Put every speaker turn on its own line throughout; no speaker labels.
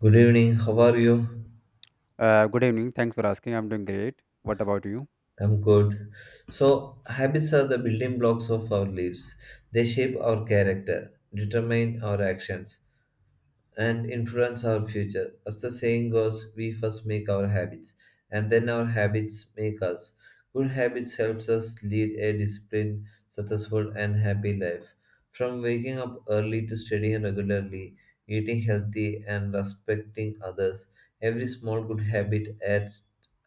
Good evening, how are you?
Good evening. Thanks for asking. I'm doing great. What about you?
I'm good. So, habits are the building blocks of our lives. They shape our character, determine our actions, and influence our future. As the saying goes, we first make our habits, and then our habits make us. Good habits helps us lead a disciplined, successful, and happy life. From waking up early to studying regularly, eating healthy, and respecting others, every small good habit adds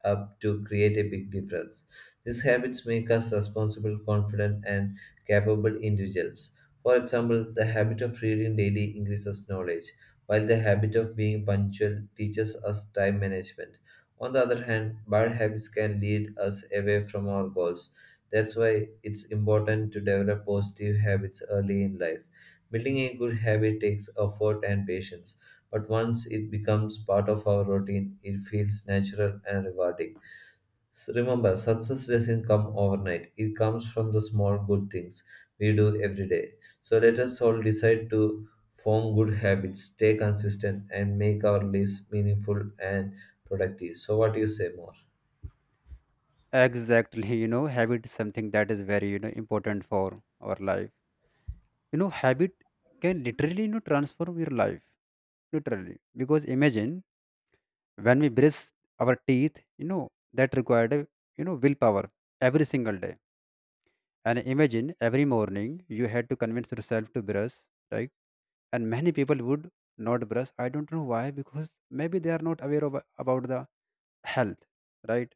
up to create a big difference. These habits make us responsible, confident, and capable individuals. For example, the habit of reading daily increases knowledge while the habit of being punctual teaches us time management. On the other hand, bad habits can lead us away from our goals. That's why it's important to develop positive habits early in life. Building a good habit takes effort and patience, but once it becomes part of our routine, it feels natural and rewarding. Remember, success doesn't come overnight. It comes from the small good things we do every day. So let us all decide to form good habits, stay consistent, and make our lives meaningful and productive. So, what do you say more?
Exactly. Habit is something that is very, important for our life. Habit can literally, transform your life. Literally. Because imagine when we brush our teeth, that required, a, willpower every single day. And imagine every morning you had to convince yourself to brush, right? And many people would not brush. I don't know why, because maybe they are not aware of, about the health, right?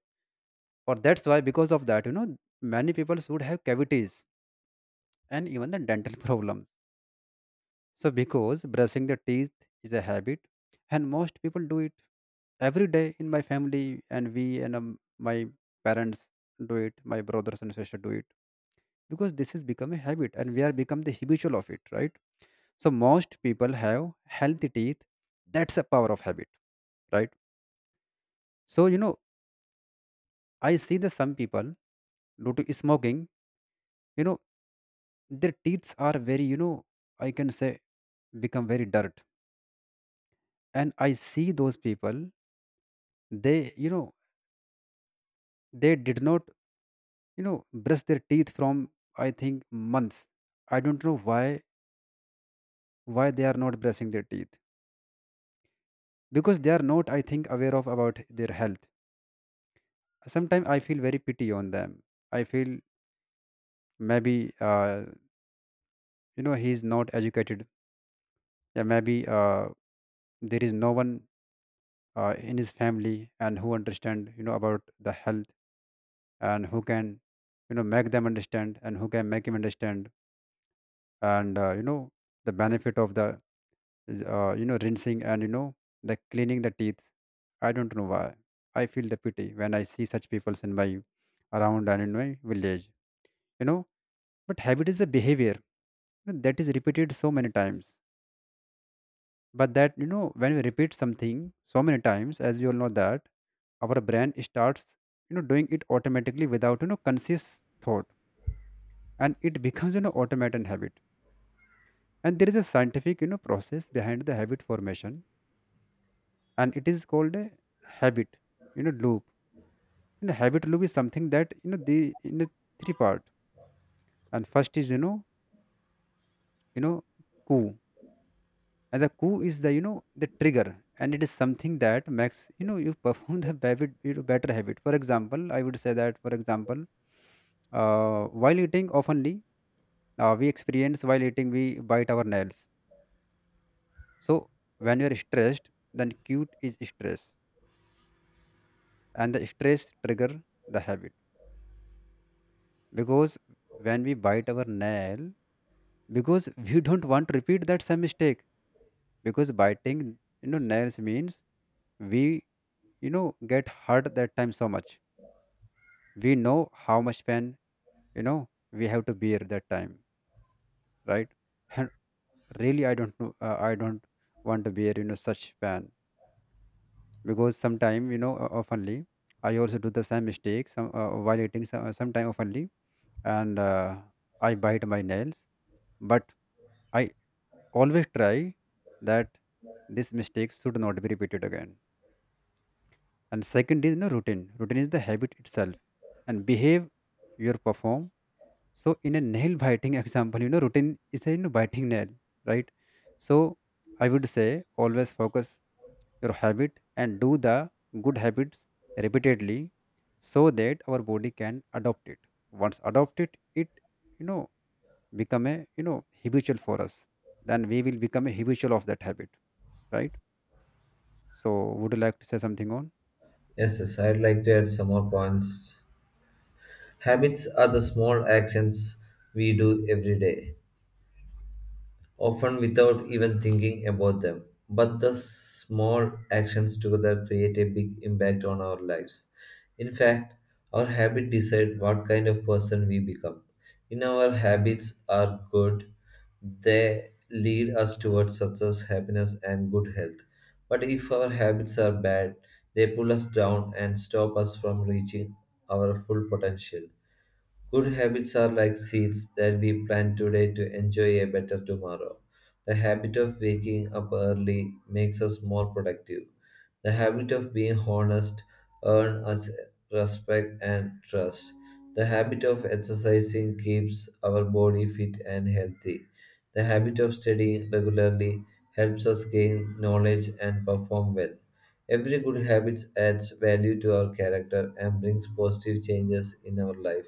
Or that's why because of that, many people would have cavities and even the dental problems. So because brushing the teeth is a habit and most people do it every day in my family. And we and my parents do it, my brothers and sisters do it, because this has become a habit and we are become the habitual of it, right. So most people have healthy teeth. That's a power of habit, right. So, I see the some people due to smoking, you know their teeth are very, I can say, become very dirt. And I see those people. They you know they did not, brush their teeth from, I think, months. I don't know why they are not brushing their teeth, because they are not, I think, aware of about their health. Sometimes I feel very pity on them. I feel, maybe he is not educated. Yeah, maybe there is no one in his family and who understand, about the health, and who can, make them understand, and who can make him understand, and the benefit of the rinsing, and, the cleaning the teeth. I don't know why I feel the pity when I see such people in my around and in my village. you know but habit is a behavior that is repeated so many times. But that, when we repeat something so many times, as you all know, that our brain starts, doing it automatically, without, conscious thought. And it becomes, automatic habit. And there is a scientific, process behind the habit formation. And it is called a habit, loop. And a habit loop is something that, the in the three part. And first is, you know, coup. And the coup is the, the trigger. And it is something that makes, you perform the habit, better habit. For example, I would say, that for example, while eating oftenly, we experience, while eating, we bite our nails. So when you're stressed, then cute is stress. And the stress trigger the habit, because when we bite our nail, because we don't want to repeat that same mistake, because biting, nails means, we, get hurt that time so much. We know how much pain, we have to bear that time, right. And really, I don't know. I don't want to bear, such pain, because sometime, oftenly, I also do the same mistake some, while eating some, sometime oftenly. And I bite my nails. But I always try that this mistake should not be repeated again. And second is no routine. Routine is the habit itself. And behave your perform. So in a nail biting example, routine is a, biting nail, right? So I would say, always focus your habit and do the good habits repeatedly, so that our body can adopt it. Once adopt it, it, you know become a, habitual for us. Then we will become a habitual of that habit, right? So would you like to say something on?
Yes, yes, I'd like to add some more points. Habits are the small actions we do every day, often without even thinking about them. But the small actions together create a big impact on our lives. In fact, our habits decide what kind of person we become. In our habits are good, they lead us towards success, happiness, and good health. But if our habits are bad, they pull us down and stop us from reaching our full potential. Good habits are like seeds that we plant today to enjoy a better tomorrow. The habit of waking up early makes us more productive. The habit of being honest earns us respect and trust. The habit of exercising keeps our body fit and healthy. The habit of studying regularly helps us gain knowledge and perform well. Every good habit adds value to our character and brings positive changes in our life.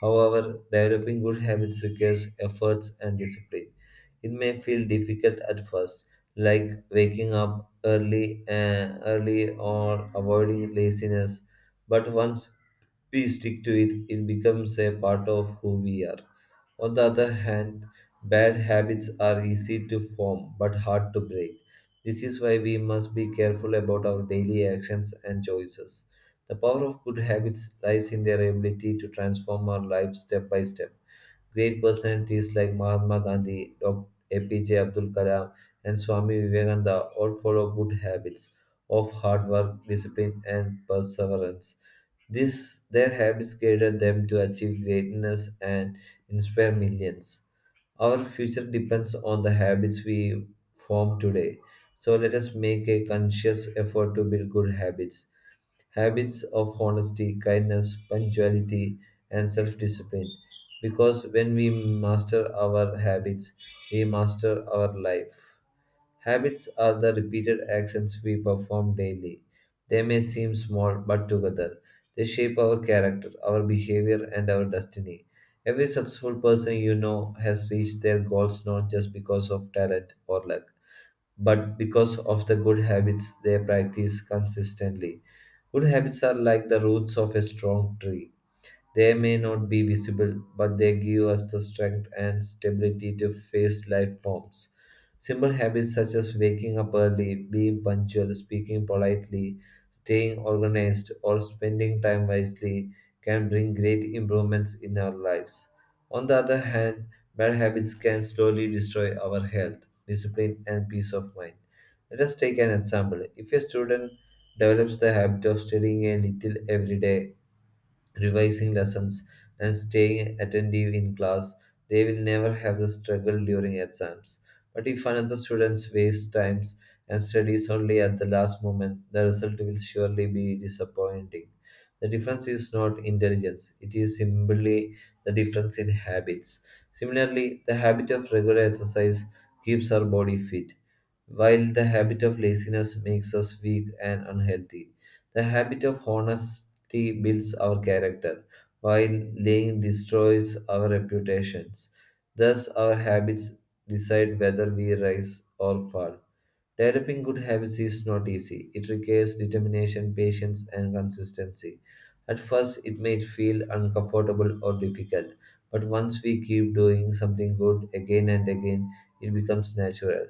However, developing good habits requires efforts and discipline. It may feel difficult at first, like waking up early and early or avoiding laziness, but once we stick to it, it becomes a part of who we are. On the other hand, bad habits are easy to form but hard to break. This is why we must be careful about our daily actions and choices. The power of good habits lies in their ability to transform our lives step by step. Great personalities like Mahatma Gandhi, Dr. APJ Abdul Kalam, and Swami Vivekananda all follow good habits of hard work, discipline, and perseverance. This their habits guided them to achieve greatness and inspire millions. Our future depends on the habits we form today. So let us make a conscious effort to build good habits. Habits of honesty, kindness, punctuality, and self discipline. Because when we master our habits, we master our life. Habits are the repeated actions we perform daily. They may seem small, but together they shape our character, our behavior, and our destiny. Every successful person you know has reached their goals not just because of talent or luck, but because of the good habits they practice consistently. Good habits are like the roots of a strong tree. They may not be visible, but they give us the strength and stability to face life forms. Simple habits such as waking up early, being punctual, speaking politely, staying organized, or spending time wisely can bring great improvements in our lives. On the other hand, bad habits can slowly destroy our health, discipline, and peace of mind. Let us take an example. If a student develops the habit of studying a little every day, revising lessons, and staying attentive in class, they will never have the struggle during exams. But if another student wastes times and studies only at the last moment, the result will surely be disappointing. The difference is not intelligence, it is simply the difference in habits. Similarly, the habit of regular exercise keeps our body fit, while the habit of laziness makes us weak and unhealthy. The habit of honesty builds our character, while lying destroys our reputations. Thus, our habits decide whether we rise or fall. Developing good habits is not easy. It requires determination, patience, and consistency. At first, it may feel uncomfortable or difficult, but once we keep doing something good again and again, it becomes natural.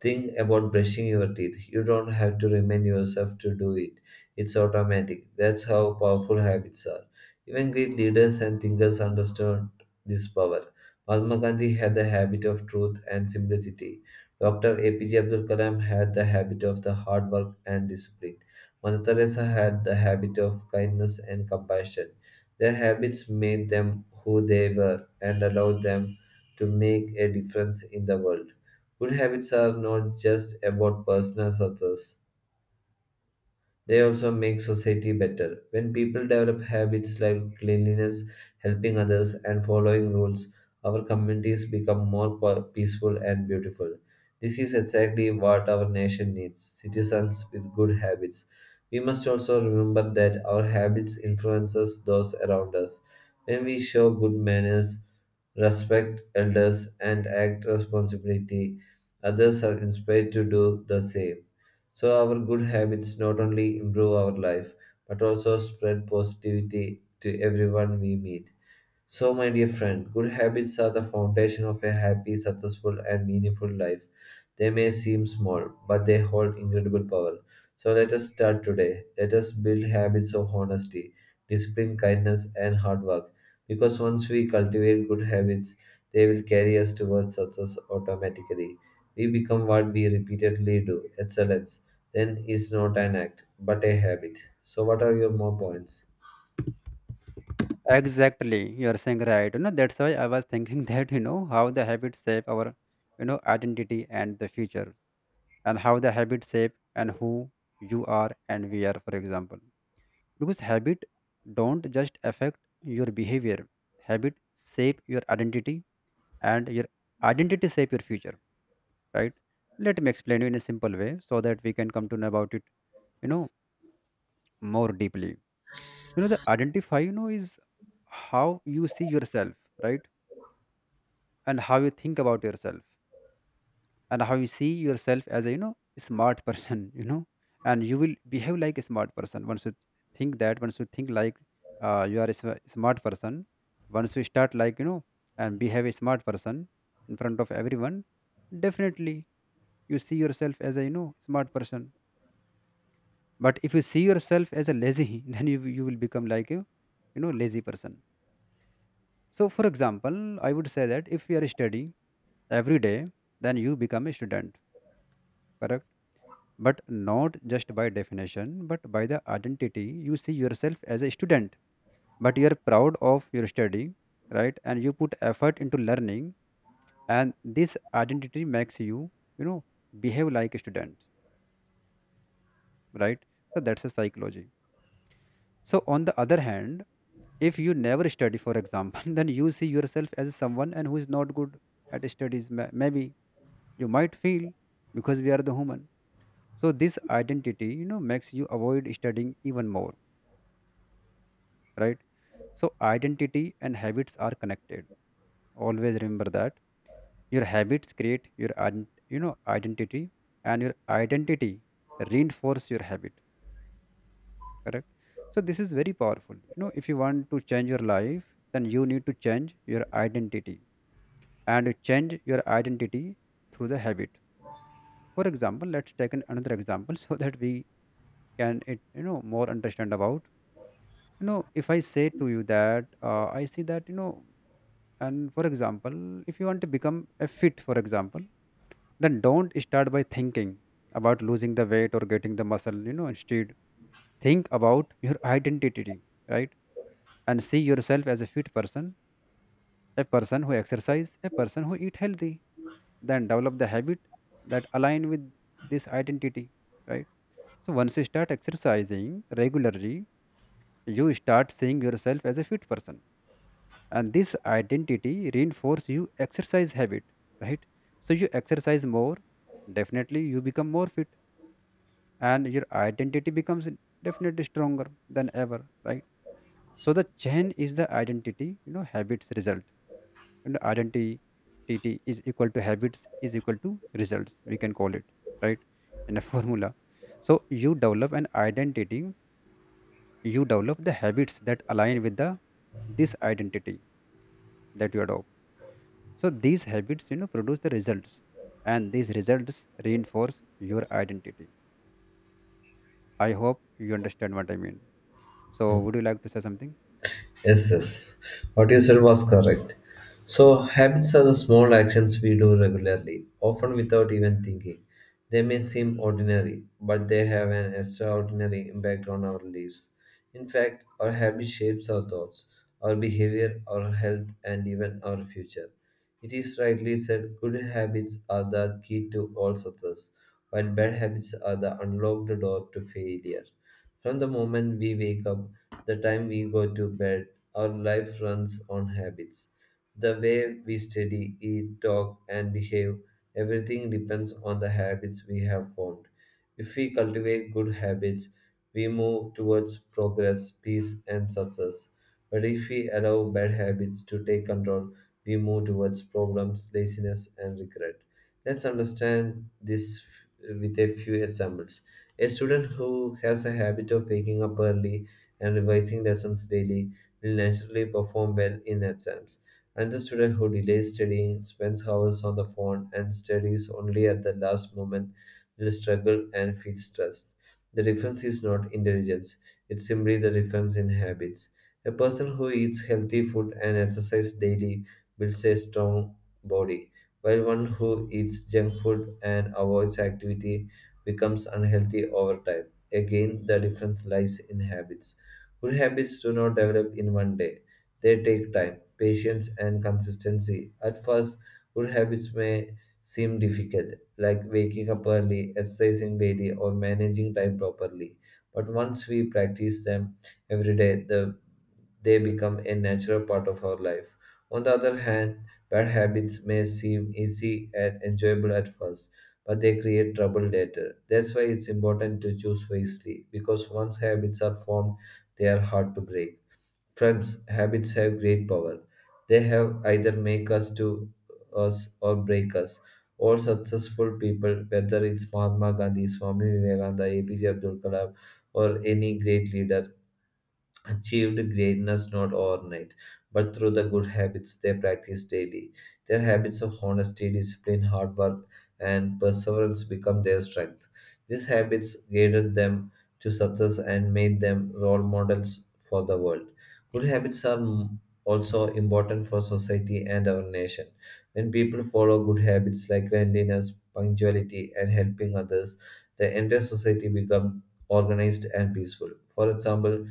Think about brushing your teeth. You don't have to remind yourself to do it, it's automatic. That's how powerful habits are. Even great leaders and thinkers understood this power. Mahatma Gandhi had the habit of truth and simplicity. Dr. APJ Abdul Kalam had the habit of the hard work and discipline. Mother Teresa had the habit of kindness and compassion. Their habits made them who they were and allowed them to make a difference in the world. Good habits are not just about personal success, they also make society better. When people develop habits like cleanliness, helping others, and following rules, our communities become more peaceful and beautiful. This is exactly what our nation needs citizens with good habits. We must also remember that our habits influences those around us. When we show good manners, respect elders, and act responsibility, others are inspired to do the same. So our good habits not only improve our life but also spread positivity to everyone we meet. So my dear friend, good habits are the foundation of a happy, successful and meaningful life. They may seem small, but they hold incredible power. So let us start today. Let us build habits of honesty, discipline, kindness, and hard work. Because once we cultivate good habits, they will carry us towards success automatically. We become what we repeatedly do. Excellence then is not an act, but a habit. So, what are your more points?
Exactly, you are saying right. That's why I was thinking that, how the habits shape our, identity and the future. And how the habits shape, and who you are, and we are, for example. Because habit don't just affect your behavior. Habit shape your identity. And your identity shape your future, right? Let me explain you in a simple way, so that we can come to know about it, you know, more deeply. The identify, is how you see yourself, right? And how you think about yourself, and how you see yourself as a, smart person, and you will behave like a smart person once you think that, once you think like, you are a smart person, once you start like, and behave a smart person in front of everyone. Definitely you see yourself as a, smart person. But if you see yourself as a lazy then you will become like a, lazy person. So for example, I would say that if you are studying every day, then you become a student, correct. But not just by definition, but by the identity. You see yourself as a student. But you are proud of your study, right? And you put effort into learning. And this identity makes you, you know behave like a student, right. So that's a psychology. So on the other hand, if you never study, for example, then you see yourself as someone and who is not good at studies. Maybe you might feel, because we are the human. So this identity, makes you avoid studying even more, right. So identity and habits are connected. Always remember that your habits create your identity. And your identity reinforce your habit, correct. So this is very powerful, if you want to change your life, then you need to change your identity. And change your identity through the habit. For example, let's take an, another example, so that we can it, more understand about, if I say to you that, I see that, and for example, if you want to become a fit, for example, then don't start by thinking about losing the weight or getting the muscle, instead think about your identity, right. And see yourself as a fit person, a person who exercise, a person who eat healthy. Then develop the habit that align with this identity, right? So once you start exercising regularly, you start seeing yourself as a fit person, and this identity reinforce you exercise habit, right? So you exercise more, definitely you become more fit, and your identity becomes definitely stronger than ever, right? So the chain is the identity, habits result. And identity is equal to habits is equal to results. We can call it, right, in a formula. So you develop an identity. You develop the habits that align with the this identity that you adopt. So these habits, produce the results, and these results reinforce your identity. I hope you understand what I mean. So would you like to say something?
Yes, yes. What you said was correct. So, habits are the small actions we do regularly, often without even thinking. They may seem ordinary, but they have an extraordinary impact on our lives. In fact, our habit shapes our thoughts, our behavior, our health, and even our future. It is rightly said good habits are the key to all success, while bad habits are the unlocked door to failure. From the moment we wake up, the time we go to bed, our life runs on habits. The way we study, eat, talk, and behave, everything depends on the habits we have formed. If we cultivate good habits, we move towards progress, peace, and success. But if we allow bad habits to take control, we move towards problems, laziness, and regret. Let's understand this with a few examples. A student who has a habit of waking up early and revising lessons daily will naturally perform well in exams. Another student who delays studying, spends hours on the phone, and studies only at the last moment will struggle and feel stressed. The difference is not intelligence, it's simply the difference in habits. A person who eats healthy food and exercises daily builds a strong body, while one who eats junk food and avoids activity becomes unhealthy over time. Again, the difference lies in habits. Good habits do not develop in one day. They take time, patience, and consistency. At first, good habits may seem difficult, like waking up early, exercising daily, or managing time properly. But once we practice them every day, they become a natural part of our life. On the other hand, bad habits may seem easy and enjoyable at first, but they create trouble later. That's why it's important to choose wisely, because once habits are formed, they are hard to break. Friends, habits have great power. They have either make us to us or break us. All successful people, whether it's Mahatma Gandhi, Swami Vivekananda, APJ Abdul Kalam, or any great leader, achieved greatness not overnight, but through the good habits they practice daily. Their habits of honesty, discipline, hard work, and perseverance become their strength. These habits guided them to success and made them role models for the world. Good habits are also important for society and our nation. When people follow good habits like cleanliness, punctuality, and helping others, the entire society becomes organized and peaceful. For example,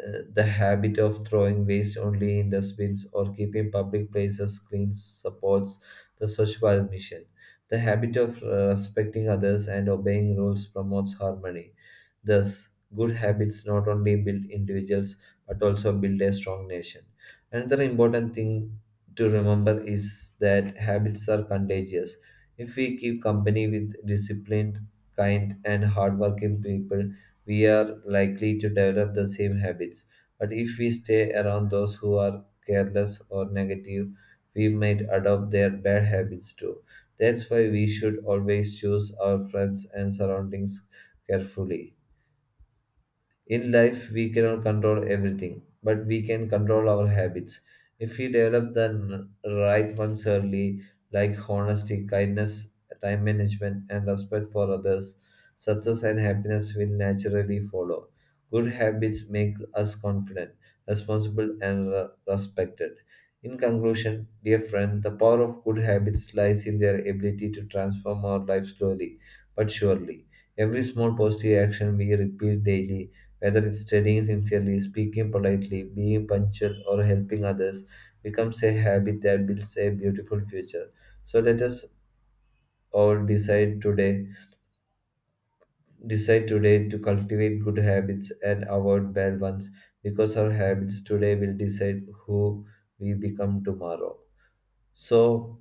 the habit of throwing waste only in dustbins or keeping public places clean supports the Swachh Bharat mission. The habit of respecting others and obeying rules promotes harmony. Thus, good habits not only build individuals but also build a strong nation. Another important thing to remember is that habits are contagious. If we keep company with disciplined, kind, and hardworking people, we are likely to develop the same habits. But if we stay around those who are careless or negative, we might adopt their bad habits too. That's why we should always choose our friends and surroundings carefully. In life, we cannot control everything, but we can control our habits. If we develop the right ones early, like honesty, kindness, time management, and respect for others, success and happiness will naturally follow. Good habits make us confident, responsible, and respected. In conclusion, dear friend, the power of good habits lies in their ability to transform our life slowly but surely. Every small positive action we repeat daily, whether it's studying sincerely, speaking politely, being punctual, or helping others, becomes a habit that builds a beautiful future. So let us all decide today to cultivate good habits and avoid bad ones, because our habits today will decide who we become tomorrow. So,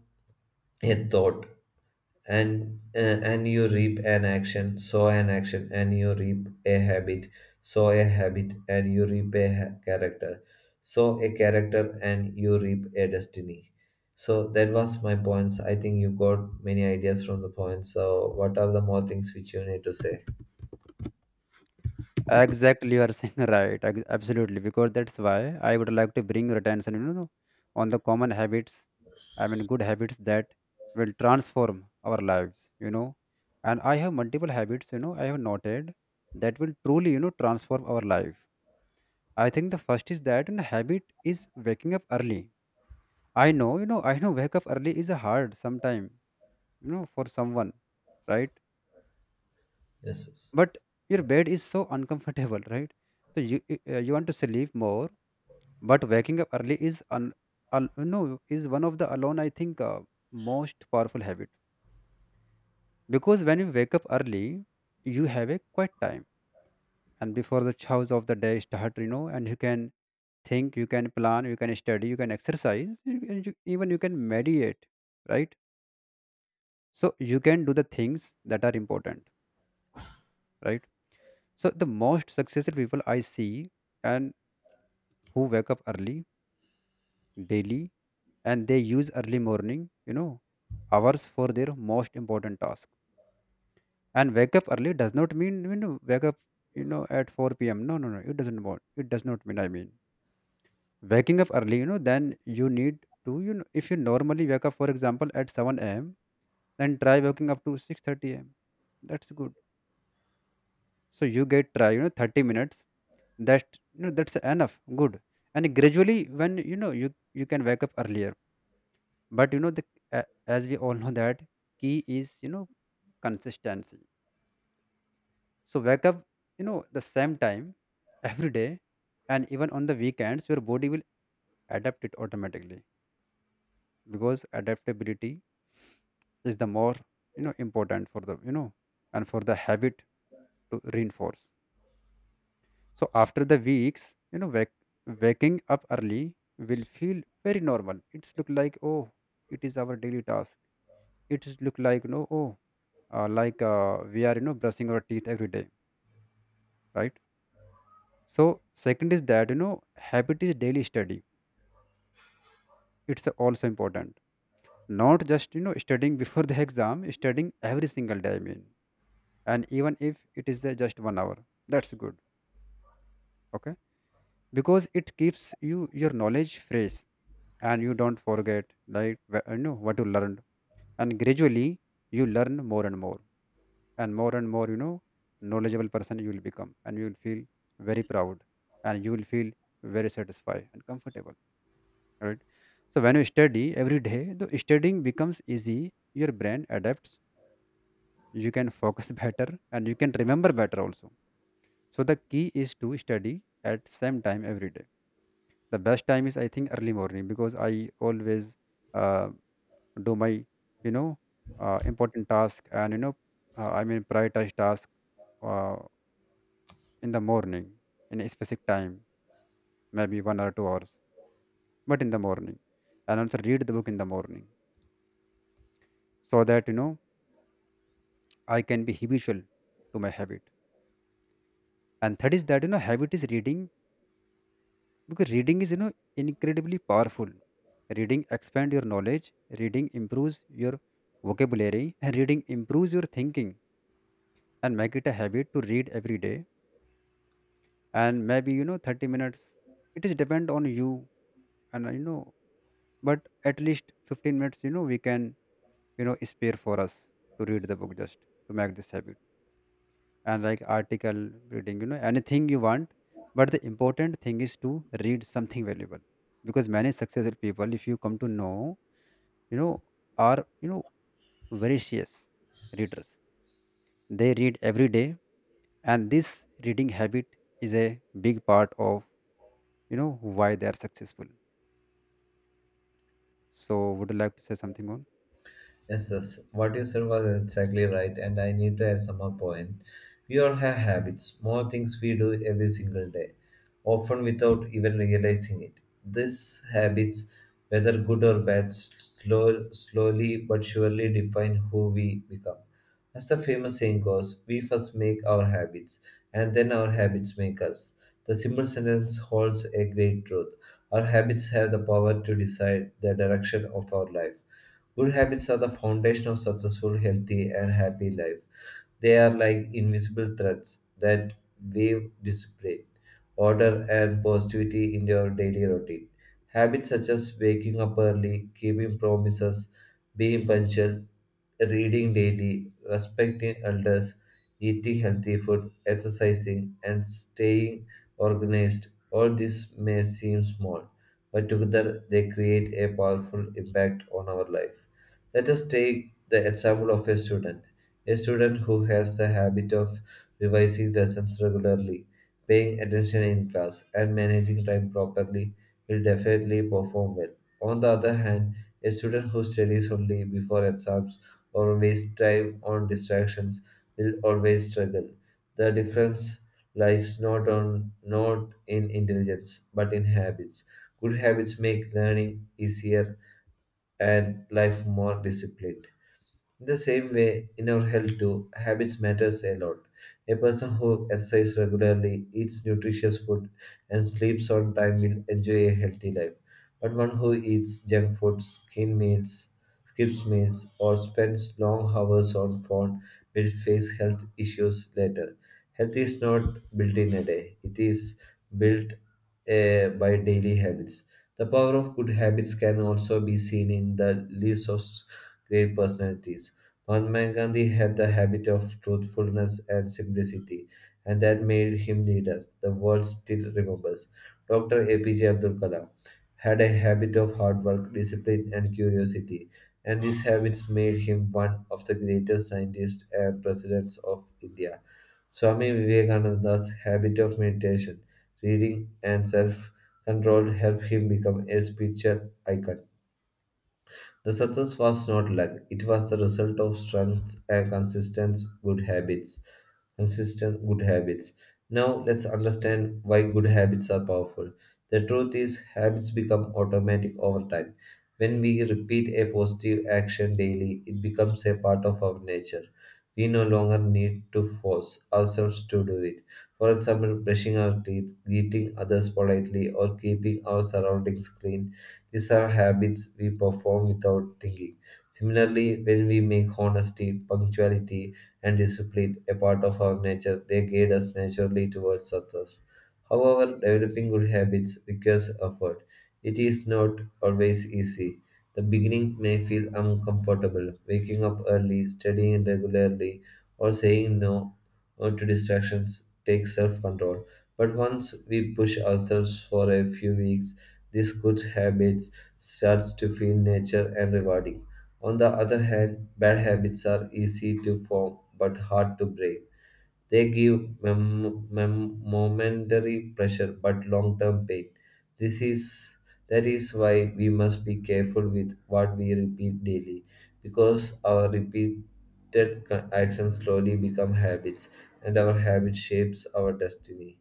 a thought. And you reap an action, so an action and you reap a habit, so a habit and you reap a character, so a character and you reap a destiny. So that was my points. I think you got many ideas from the points. So what are the more things which you need to say?
Exactly, you are saying right. Absolutely, because that's why I would like to bring your attention, on the common habits. I mean, good habits that will transform our lives. And I have multiple habits, I have noted that will truly, transform our life. I think the first is that, and habit is waking up early. I know, I know wake up early is a hard sometime, for someone, right?
Yes, yes.
But your bed is so uncomfortable, right? So you want to sleep more, but waking up early is, un, al, no is one of the alone, I think, most powerful habit. Because when you wake up early, you have a quiet time, and before the chows of the day start, and you can think, you can plan, you can study, you can exercise you, and you, even you can meditate, right. So you can do the things that are important, right. So the most successful people I see, and who wake up early daily, and they use early morning, you know hours for their most important task. And wake up early does not mean, wake up, at 4 p.m. No, no, no, it does not mean, I mean, waking up early, then you need to, if you normally wake up, for example, at 7 a.m., then try waking up to 6:30 a.m. That's good. So you get try, 30 minutes. That, that's enough. Good. And gradually when, you can wake up earlier. But, you know the a as we all know, that key is, consistency. So wake up, the same time every day, and even on the weekends, your body will adapt it automatically, because adaptability is the more, important for the, and for the habit to reinforce. So after the weeks, waking up early will feel very normal. It's look like, oh, it is our daily task. It is look like, no, oh, like, we are, brushing our teeth every day, right? So second is that, habit is daily study. It's also important. Not just, studying before the exam, studying every single day. I mean, and even if it is, just 1 hour, that's good. Okay, because it keeps you your knowledge fresh, and you don't forget like, what you learned, and gradually you learn more and more, and more and more, knowledgeable person you will become, and you will feel very proud, and you will feel very satisfied and comfortable. Right. So when you study every day, the studying becomes easy. Your brain adapts. You can focus better, and you can remember better also. So the key is to study at same time every day. The best time is, I think, early morning, because I always, uh, do my, you know important task. And, I mean, prioritize task, uh, in the morning, in a specific time, maybe 1 or 2 hours, but in the morning. And also read the book in the morning, so that, I can be habitual to my habit. And third is that, habit is reading, because reading is, incredibly powerful. Reading expand your knowledge, reading improves your vocabulary, and reading improves your thinking. And make it a habit to read every day. And maybe, 30 minutes. It is depend on you, and but at least 15 minutes, we can, spare for us to read the book, just to make this habit. And like article reading, anything you want. But the important thing is to read something valuable, because many successful people, if you come to know, you know, are, voracious readers. They read every day, and this reading habit is a big part of, why they are successful. So, would you like to say something on?
Yes, yes, what you said was exactly right, and I need to add some more point. We all have habits, small things we do every single day, often without even realizing it. These habits, whether good or bad, slowly but surely define who we become. As the famous saying goes, we first make our habits, and then our habits make us. The simple sentence holds a great truth. Our habits have the power to decide the direction of our life. Good habits are the foundation of successful, healthy, and happy life. They are like invisible threads that wave discipline, order, and positivity in your daily routine. Habits such as waking up early, keeping promises, being punctual, reading daily, respecting elders, eating healthy food, exercising, and staying organized. All this may seem small, but together they create a powerful impact on our life. Let us take the example of a student. A student who has the habit of revising lessons regularly, paying attention in class, and managing time properly will definitely perform well. On the other hand, a student who studies only before exams or wastes time on distractions will always struggle. The difference lies not in intelligence but in habits. Good habits make learning easier and life more disciplined. In the same way, in our health too, habits matters a lot. A person who exercises regularly, eats nutritious food, and sleeps on time will enjoy a healthy life. But one who eats junk food, skips meals, or spends long hours on phone will face health issues later. Health is not built in a day; it is built by daily habits. The power of good habits can also be seen in the lives of great personalities. Mahatma Gandhi had the habit of truthfulness and simplicity, and that made him leader the world still remembers. Dr. APJ Abdul Kalam had a habit of hard work, discipline, and curiosity, and these habits made him one of the greatest scientists and presidents of India. Swami Vivekananda's habit of meditation, reading, and self control helped him become a spiritual icon. The success was not luck, it was the result of strength and consistent good habits. Consistent good habits. Now let's understand why good habits are powerful. The truth is habits become automatic over time. When we repeat a positive action daily, it becomes a part of our nature. We no longer need to force ourselves to do it. For example, brushing our teeth, greeting others politely, or keeping our surroundings clean, these are habits we perform without thinking. Similarly, when we make honesty, punctuality, and discipline a part of our nature, they guide us naturally towards success. However, developing good habits requires effort. It is not always easy. The beginning may feel uncomfortable, waking up early, studying regularly, or saying no to distractions takes self control. But once we push ourselves for a few weeks, these good habits starts to feel nature and rewarding. On the other hand, bad habits are easy to form but hard to break. They give momentary pressure but long-term pain. This is that is why we must be careful with what we repeat daily, because our repeated actions slowly become habits, and our habit shapes our destiny.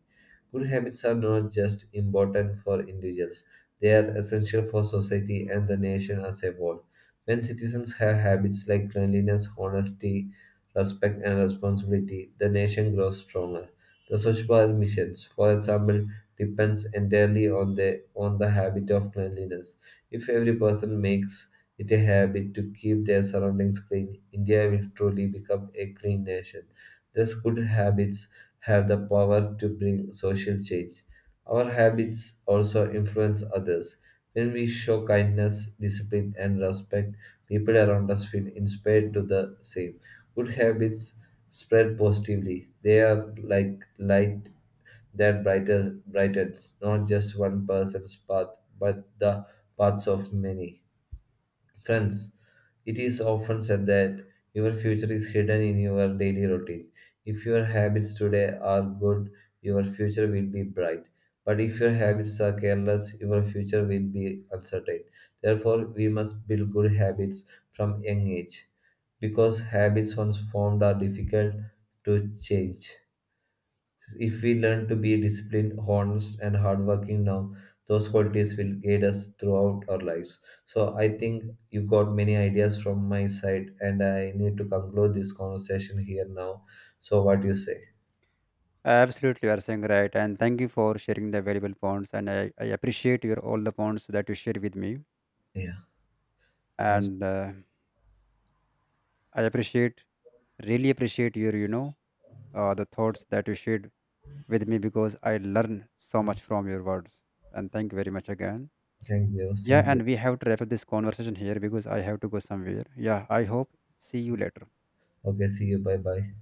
Good habits are not just important for individuals, they are essential for society and the nation as a whole. When citizens have habits like cleanliness, honesty, respect, and responsibility, the nation grows stronger. The Swachh Bharat missions, for example, depends entirely on the habit of cleanliness. If every person makes it a habit to keep their surroundings clean, India will truly become a clean nation. These good habits have the power to bring social change. Our habits also influence others. When we show kindness, discipline, and respect, people around us feel inspired to the same. Good habits spread positively. They are like light that brightens not just one person's path, but the paths of many. Friends, it is often said that your future is hidden in your daily routine. If your habits today are good, your future will be bright. But if your habits are careless, your future will be uncertain. Therefore, we must build good habits from young age because habits once formed are difficult to change. If we learn to be disciplined, honest, and hardworking now, those qualities will guide us throughout our lives. So I think you got many ideas from my side, and I need to conclude this conversation here now. So what do you say?
Absolutely, you are saying right, and thank you for sharing the valuable points. And I appreciate your all the points that you share with me,
Yeah. Thanks.
and I appreciate really appreciate your, the thoughts that you shared with me, because I learn so much from your words. And thank you very much again.
Thank you.
Yeah,
Same to you.
and we have to wrap up this conversation here, because I have to go somewhere. Yeah, I hope see you later.
Okay. See you. Bye bye.